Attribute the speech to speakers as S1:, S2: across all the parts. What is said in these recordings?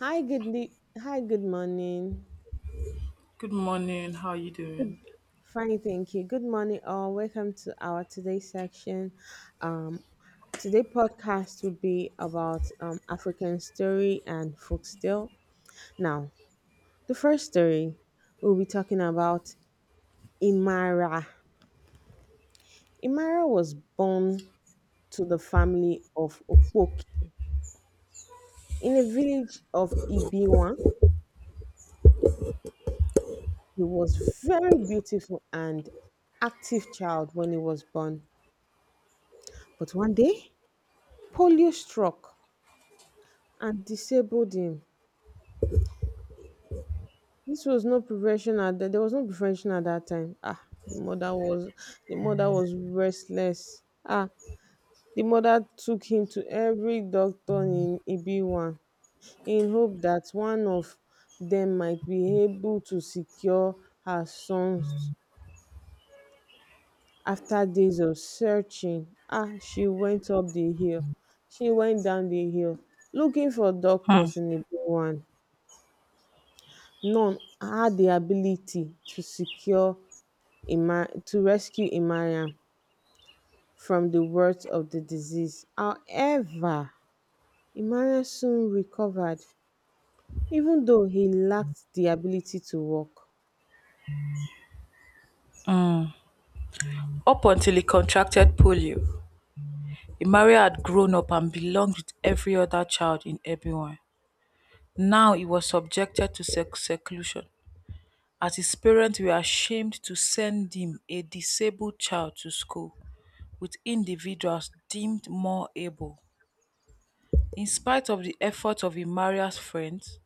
S1: Hi, good morning.
S2: Good morning. How are you doing?
S1: Fine, thank you. Good morning, all. Welcome to our today section. Um, today podcast will be about African story and folktale. Now, the first story we'll be talking about Imara. Imara was born to the family of Okpoki in a village of Ibiwa. He was very beautiful and active child when he was born, but one day Polio struck and disabled him. This was no prevention at that. There was no prevention at that time. The mother was restless. The mother took him to every doctor in Ibiwan in hope that one of them might be able to secure her sons. After days of searching, she went up the hill. She went down the hill looking for
S2: Hmm.
S1: doctors in Ibiwan. None had the ability to rescue Imariam from the worst of the disease. However, Imariam soon recovered, even though he lacked the ability to walk.
S2: Up until he contracted polio, Imari had grown up and belonged with every other child in Ebonyi. Now he was subjected to seclusion, as his parents were ashamed to send him, a disabled child, to school with individuals deemed more able. In spite of the efforts of Imaria's friends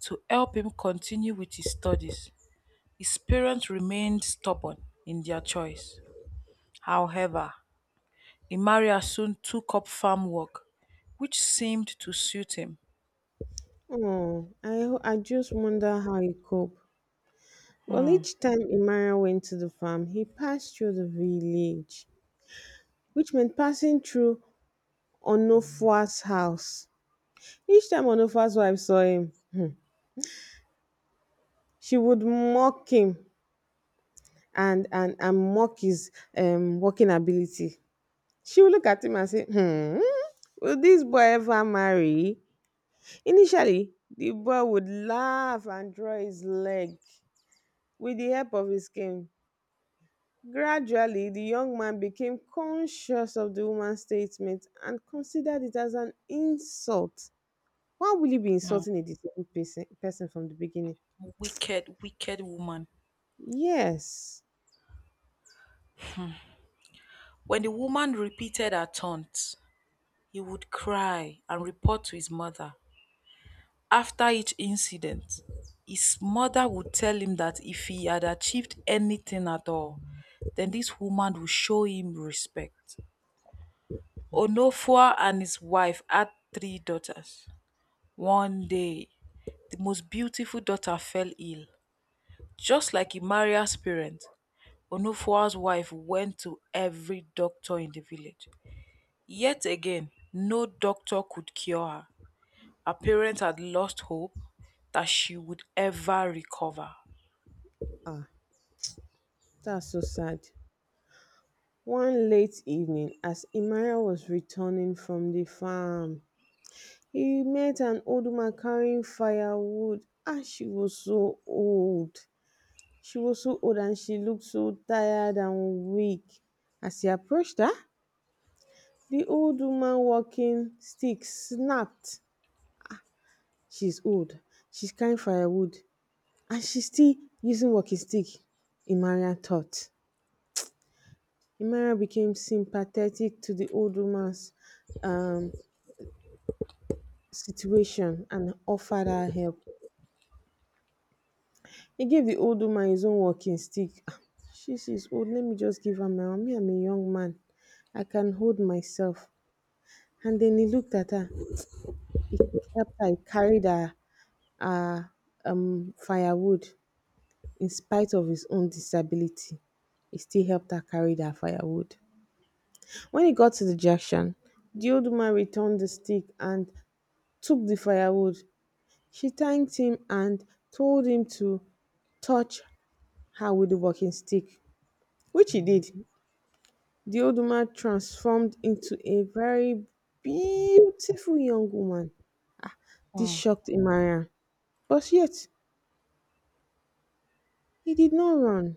S2: to help him continue with his studies, his parents remained stubborn in their choice. However, Emeria soon took up farm work, which seemed to suit him.
S1: Oh, I just wonder how he coped. Well,
S2: Hmm.
S1: each time Imariam went to the farm, he passed through the village, which meant passing through Onofua's house. Each time Onofua's wife saw him, she would mock him and mock his working ability. She will look at him and say, "Hmm, will this boy ever marry?" Initially, the boy would laugh and draw his leg with the help of his cane. Gradually, the young man became conscious of the woman's statement and considered it as an insult. Why will you be
S2: Mm.
S1: insulting a disabled person from the beginning?
S2: Wicked, wicked woman.
S1: yes
S2: When the woman repeated her taunts, he would cry and report to his mother. After each incident, his mother would tell him that if he had achieved anything at all, then this woman would show him respect. Onofua and his wife had three daughters. One day, the most beautiful daughter fell ill. Just like Imaria's parents, Onufua's wife went to every doctor in the village. Yet again, no doctor could cure her. Her parents had lost hope that she would ever recover.
S1: ah that's so sad. One late evening, as Imara was returning from the farm, he met an old woman carrying firewood. And she was so old. She was so old and she looked so tired and weak. As he approached her, the old woman walking stick snapped. She's old. She's carrying firewood. And she's still using walking stick, Imara thought. Imara became sympathetic to the old woman's um, situation and offered her help. He gave the old woman his own walking stick. She's old. Let me just give her my own. Me, I'm a young man. I can hold myself. And then he looked at her. He helped her. He carried her uh, firewood in spite of his own disability. He still helped her carry her firewood. When he got to the junction, the old woman returned the stick and took the firewood. She thanked him and told him to touch her with the walking stick, which he did. The old woman transformed into a very beautiful young woman. This
S2: Mm.
S1: shocked Emmanuel, but yet he did not run.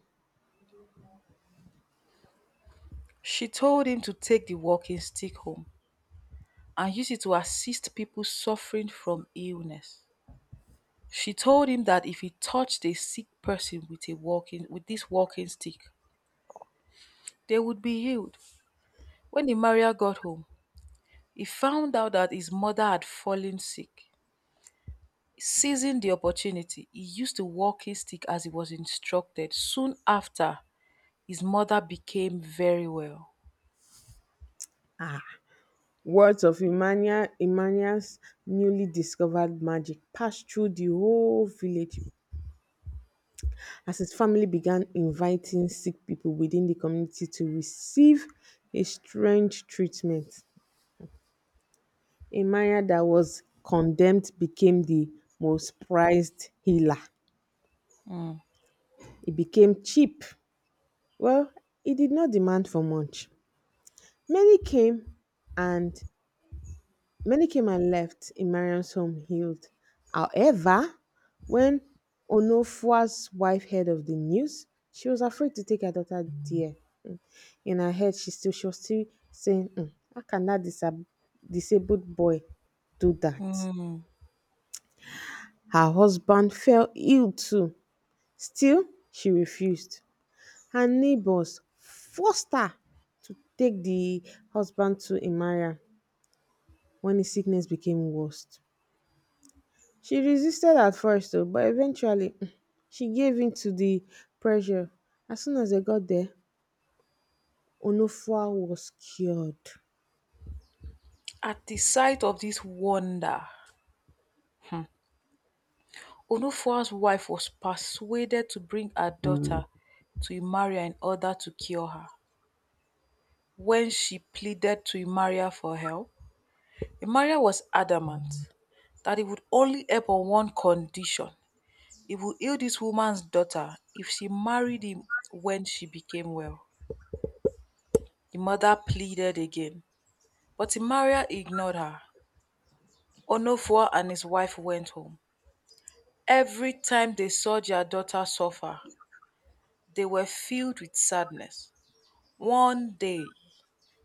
S2: She told him to take the walking stick home and use it to assist people suffering from illness. She told him that if he touched a sick person with a walking with this walking stick, they would be healed. When Imaria got home, he found out that his mother had fallen sick. Seizing the opportunity, he used the walking stick as he was instructed. Soon after, his mother became very well.
S1: Ah, Words of Emmanuel's newly discovered magic passed through the whole village as his family began inviting sick people within the community to receive a strange treatment. Emmanuel that was condemned became the most prized healer.
S2: Mm.
S1: It became cheap. Well, it did not demand for much. Many came and many came and left in Mariam's home healed. However, when Onofua's wife heard of the news, she was afraid to take her daughter there. In her head, she was still saying, How can that disabled boy do that?"
S2: Mm.
S1: Her husband fell ill too. Still, she refused. Her neighbors forced her to take the husband to Imara when his sickness became worst. She resisted at first, though, but eventually, she gave in to the pressure. As soon as they got there, Onofua was cured.
S2: At the sight of this wonder, hmm, Onufua's wife was persuaded to bring her daughter to Imaria in order to cure her. When she pleaded to Imaria for help, Imaria was adamant that he would only help on one condition. He will heal this woman's daughter if she married him when she became well. The mother pleaded again, but Timaria ignored her. Onofua and his wife went home. Every time they saw their daughter suffer, they were filled with sadness. One day,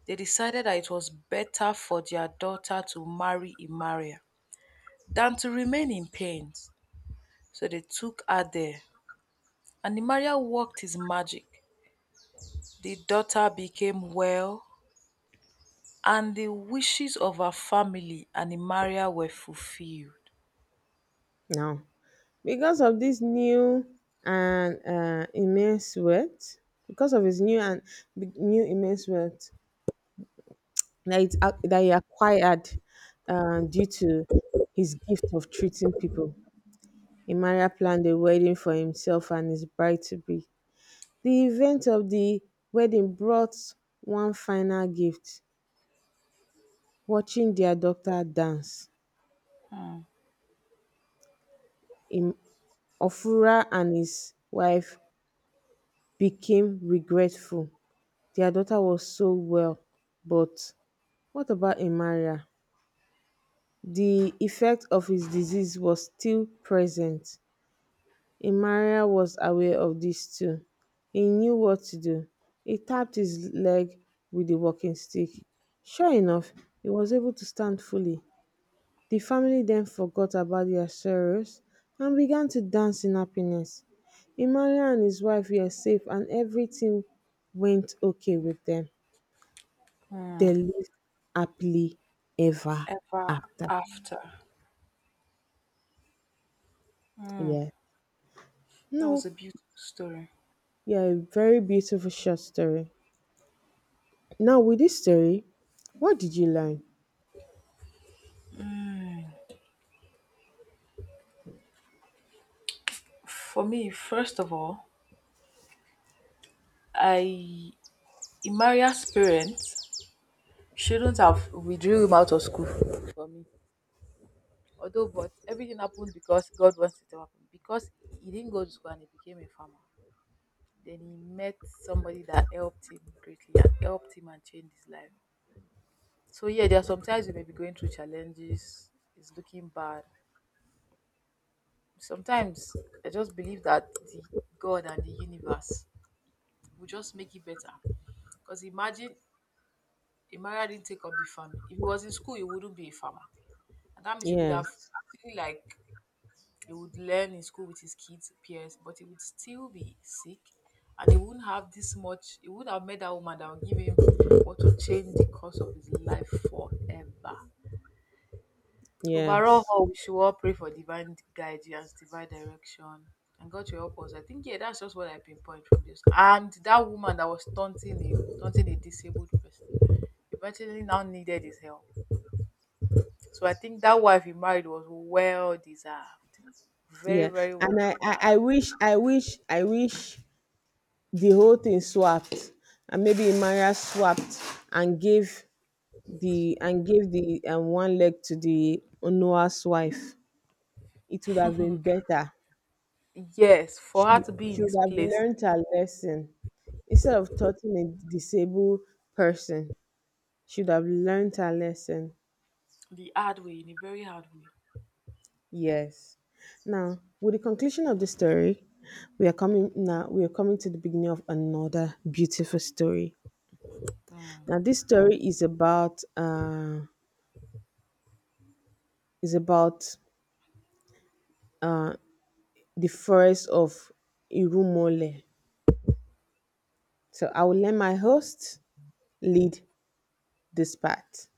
S2: they decided that it was better for their daughter to marry Imaria than to remain in pain. So they took her there, and Imaria worked his magic. The daughter became well and the wishes of her family and Imaria were fulfilled.
S1: Now, because of this new and immense wealth, because of his new and big- new immense wealth that he acquired due to his gift of treating people, Emeagwali planned a wedding for himself and his bride-to-be. The event of the wedding brought one final gift: watching their daughter dance. Im- Ofura and his wife became regretful. Their daughter was so well, but what about Emeagwali? The effect of his disease was still present. Emeagwali was aware of this too. He knew what to do. He tapped his leg with the walking stick. Sure enough, he was able to stand fully. The family then forgot about their sorrows and began to dance in happiness. Emeagwali and his wife were safe, and everything went okay with them. They lived happily ever
S2: Ever
S1: after.
S2: after.
S1: Yeah.
S2: That was
S1: No,
S2: a beautiful story.
S1: yeah, a very beautiful short story. Now, with this story, what did you learn?
S2: For me, first of all, I Imaria's parents shouldn't have withdrew him out of school for me. Although, but everything happened because God wants it to happen. Because he didn't go to school and he became a farmer. Then he met somebody that helped him greatly and helped him and changed his life. So yeah, there are sometimes you may be going through challenges. It's looking bad, sometimes I just believe that the God and the universe will just make it better. Because imagine Emmanuel didn't take up the farming. If he was in school, he wouldn't be a farmer. And that means he would
S1: Yes,
S2: have actually like he would learn in school with his kids, peers, but he would still be sick and he wouldn't have this much he would have met that woman that would give him what to change the course of his life forever. Overall,
S1: yes,
S2: all we should all pray for divine guidance, divine direction, and God to help us. I think yeah, that's just what I pinpoint from this. And that woman that was taunting him, taunting a disabled person, eventually now needed his help. So I think that wife he married was well deserved, very
S1: yeah.
S2: very well
S1: And I, I,
S2: deserved.
S1: I wish, I wish, I wish the whole thing swapped, and maybe Imara swapped and gave the one leg to the Onoa's wife. It would have been better.
S2: Yes, for her
S1: She,
S2: to be in
S1: she would
S2: his
S1: have
S2: place
S1: learned her lesson instead of touching a disabled person. She would have learned her lesson.
S2: the hard way, in a very hard way.
S1: Yes. Now, with the conclusion of the story, we are coming to the beginning of another beautiful story. Now this story is about the forest of Irumole. So I will let my host lead this part.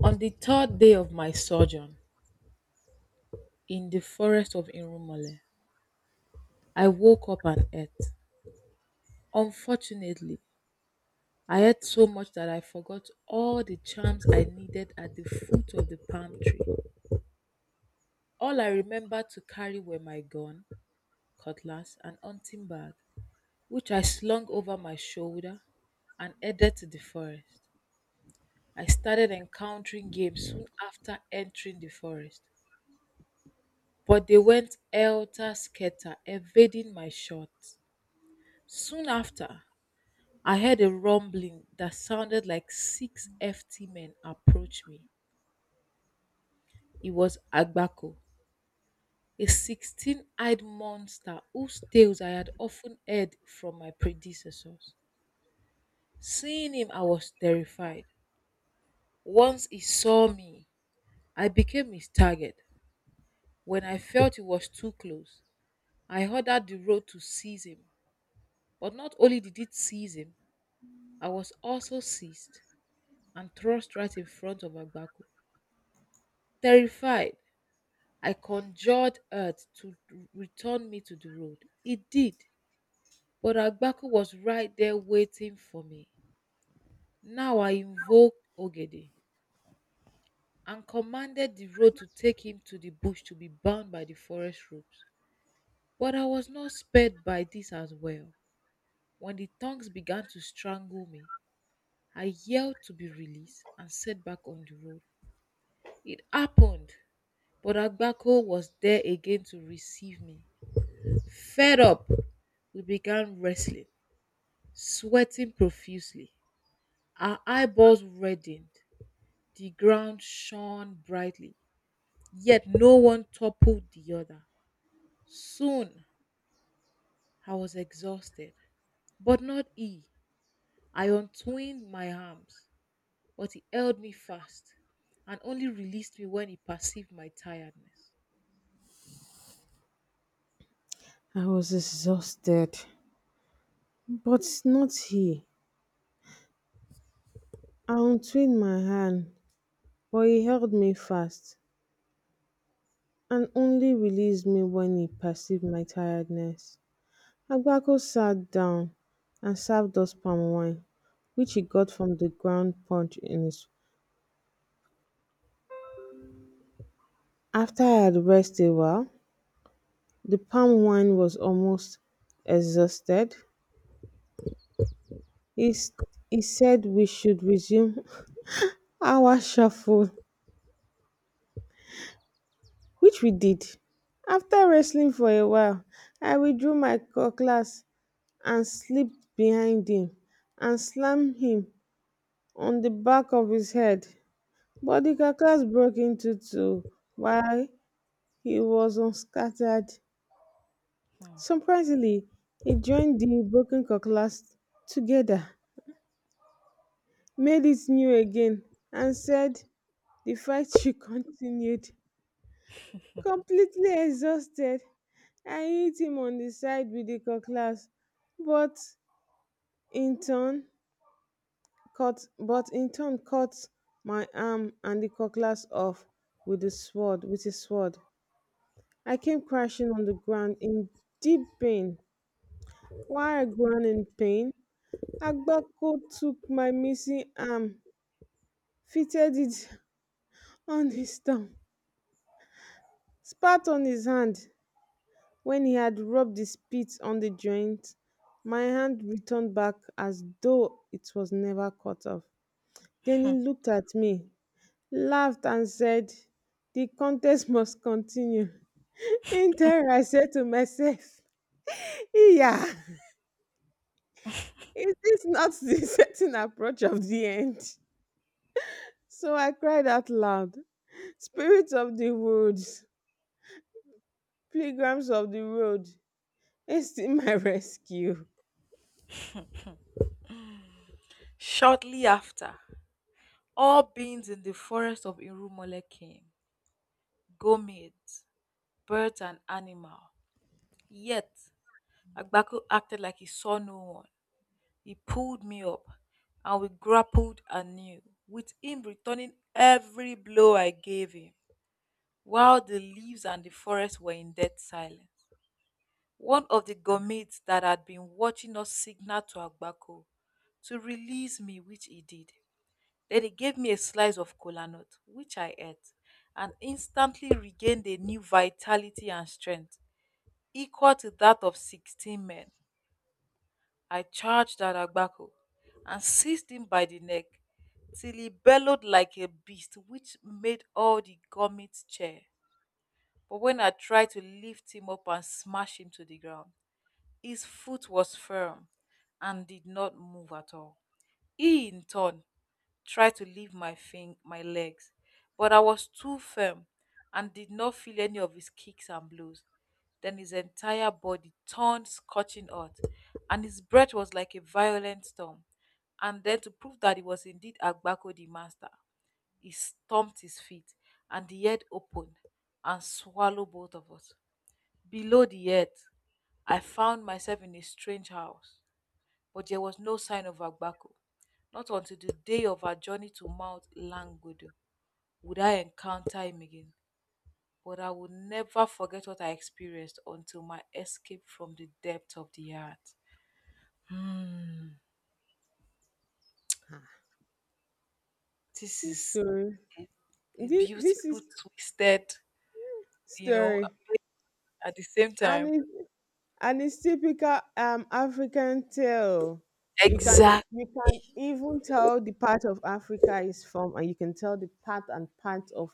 S2: On the third day of my sojourn in the forest of Irumale, I woke up and ate. Unfortunately, I ate so much that I forgot all the charms I needed at the foot of the palm tree. All I remembered to carry were my gun, cutlass, and hunting bag, which I slung over my shoulder and headed to the forest. I started encountering game soon after entering the forest, but they went helter skelter, evading my shots. Soon after, I heard a rumbling that sounded like 6 ft men approach me. He was Agbako, a 16-eyed monster whose tales I had often heard from my predecessors. Seeing him, I was terrified. Once he saw me, I became his target. When I felt he was too close, I ordered the road to seize him. But not only did it seize him, I was also seized and thrust right in front of Agbako. Terrified, I conjured earth to return me to the road. It did. But Agbaku was right there waiting for me. Now I invoked Ogede and commanded the road to take him to the bush to be bound by the forest ropes. But I was not spared by this as well. When the tongues began to strangle me, I yelled to be released and set back on the road. It happened, but Agbako was there again to receive me. Fed up, we began wrestling, sweating profusely. Our eyeballs reddened, the ground shone brightly, yet no one toppled the other. Soon I was exhausted, but not he. I untwined my arms, but he held me fast and only released me when he perceived my tiredness.
S1: I was exhausted, but not he. I untwined my hand, but he held me fast and only released me when he perceived my tiredness. Aguaco sat down and served us palm wine, which he got from the ground punch in it. After I had rested a while (the palm wine was almost exhausted), he s- he said we should resume our shuffle, which we did. After wrestling for a while, I withdrew my cutlass and slipped behind him and slammed him on the back of his head, but the cutlass broke into two while he was unscattered.
S2: Hmm.
S1: Surprisingly, he joined the broken cutlass together, made it new again, and said the fight should continued. Completely exhausted, I hit him on the side with the cutlass, but in turn but in turn cut my arm and the cutlass off with his sword. I came crashing on the ground in deep pain. While I groaned in pain, Agbako took my missing arm, fitted it on his thumb, spat on his hand when he had rubbed the spit on the joint. My hand returned back as though it was never cut off. Then he
S2: Hmm.
S1: looked at me, laughed and said, "The contest must continue." In terror, I said to myself, "Yeah, is this not the certain approach of the end?" So I cried out loud, "Spirits of the woods, Pilgrims of the Road, hasten my rescue."
S2: Shortly after, all beings in the forest of Irumole came gourmets, birds, and animal. Yet, Agbaku acted like he saw no one. He pulled me up and we grappled anew, with him returning every blow I gave him. While the leaves and the forest were in dead silence, one of the gourmets that had been watching us signaled to Agbako to release me, which he did. Then he gave me a slice of kola nut, which I ate, and instantly regained a new vitality and strength equal to that of 16 men. I charged at Agbako and seized him by the neck till he bellowed like a beast, which made all the gummies chair. But when I tried to lift him up and smash him to the ground, his foot was firm and did not move at all. He, in turn, try to leave my legs, but I was too firm and did not feel any of his kicks and blows. Then his entire body turned scorching hot, and his breath was like a violent storm. And then, to prove that he was indeed Agbako the master, he stomped his feet, and the earth opened and swallowed both of us. Below the earth, I found myself in a strange house but there was no sign of Agbako. Not until the day of our journey to Mount Langudu would I encounter him again. But I will never forget what I experienced until my escape from the depth of the earth. Hmm,
S1: Ah,
S2: this
S1: This
S2: is
S1: story,
S2: a
S1: this
S2: beautiful,
S1: is
S2: twisted, you know,
S1: story,
S2: at the same
S1: and
S2: time.
S1: it's, and it's typical African tale. You can
S2: Exact.
S1: you can even tell the part of Africa is from, and you can tell the part and part of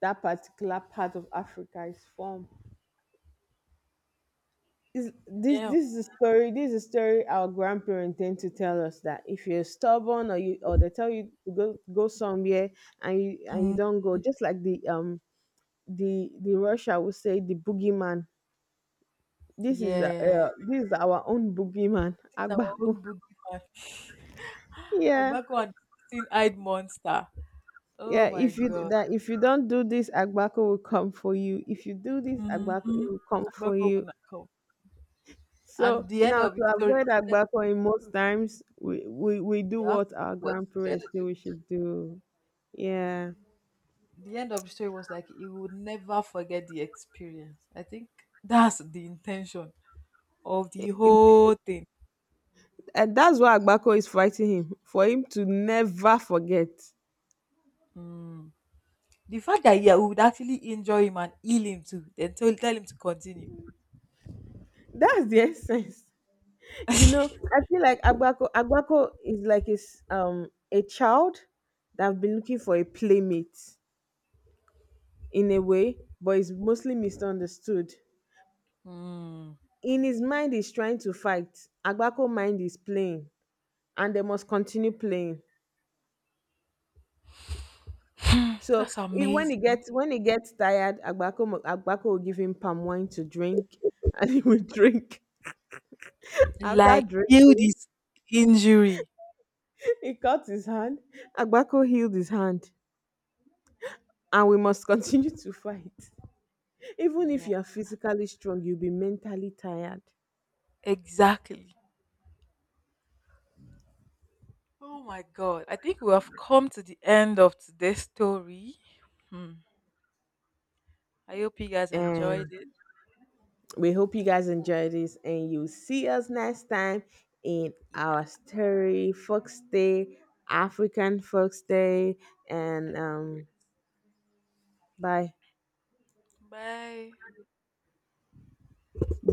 S1: that particular part of Africa is from. This
S2: Yeah.
S1: this is a story. Our grandparents tend to tell us that if you're stubborn, or they tell you to go somewhere, and you
S2: Hmm.
S1: don't go, just like the Russia would say, the boogeyman. this is uh,
S2: Yeah.
S1: uh, this is our own boogeyman,
S2: It's our
S1: Agbako.
S2: own boogeyman.
S1: Yeah,
S2: Agbako and 16 eyed monster. Oh
S1: yeah.
S2: my
S1: if you
S2: God.
S1: that if you don't do this, Agbako will come for you. If you do this, Agbako, it
S2: Hmm.
S1: will come for
S2: Agbako would
S1: you.
S2: not come.
S1: So
S2: And the end
S1: now,
S2: of the
S1: to
S2: story,
S1: avoid
S2: he said,
S1: Agbako, in most times, we do
S2: you have
S1: what
S2: to
S1: our
S2: do what you
S1: grandparents
S2: gotta
S1: say
S2: do.
S1: we should do. Yeah.
S2: The end of the story was like, he would never forget the experience. I think that's the intention of the
S1: It- it-
S2: whole thing.
S1: and that's why Agbako is fighting him, for him to never forget.
S2: Mm. The fact that, yeah, we would actually enjoy him and heal him too, then tell him to continue.
S1: That's the essence. You know, I feel like Agbako is a child that have been looking for a playmate in a way, but is mostly misunderstood.
S2: Mm.
S1: In his mind, he's trying to fight. Agbako mind is playing, and they must continue playing. So
S2: That's
S1: he,
S2: amazing.
S1: when he gets tired, Agbako will give him palm wine to drink, and he will drink. After
S2: Like, heal
S1: drinking,
S2: this injury.
S1: he cut his hand. Agbako healed his hand, and we must continue to fight. Even if
S2: Yeah,
S1: you are physically strong, you'll be mentally tired.
S2: exactly. Oh my God. I think we have come to the end of today's story. Hmm. I hope you guys
S1: And
S2: enjoyed it.
S1: we hope you guys enjoy this, and you'll see us next time in our story, Fox Day, African Fox Day, and
S2: And
S1: bye.
S2: bye.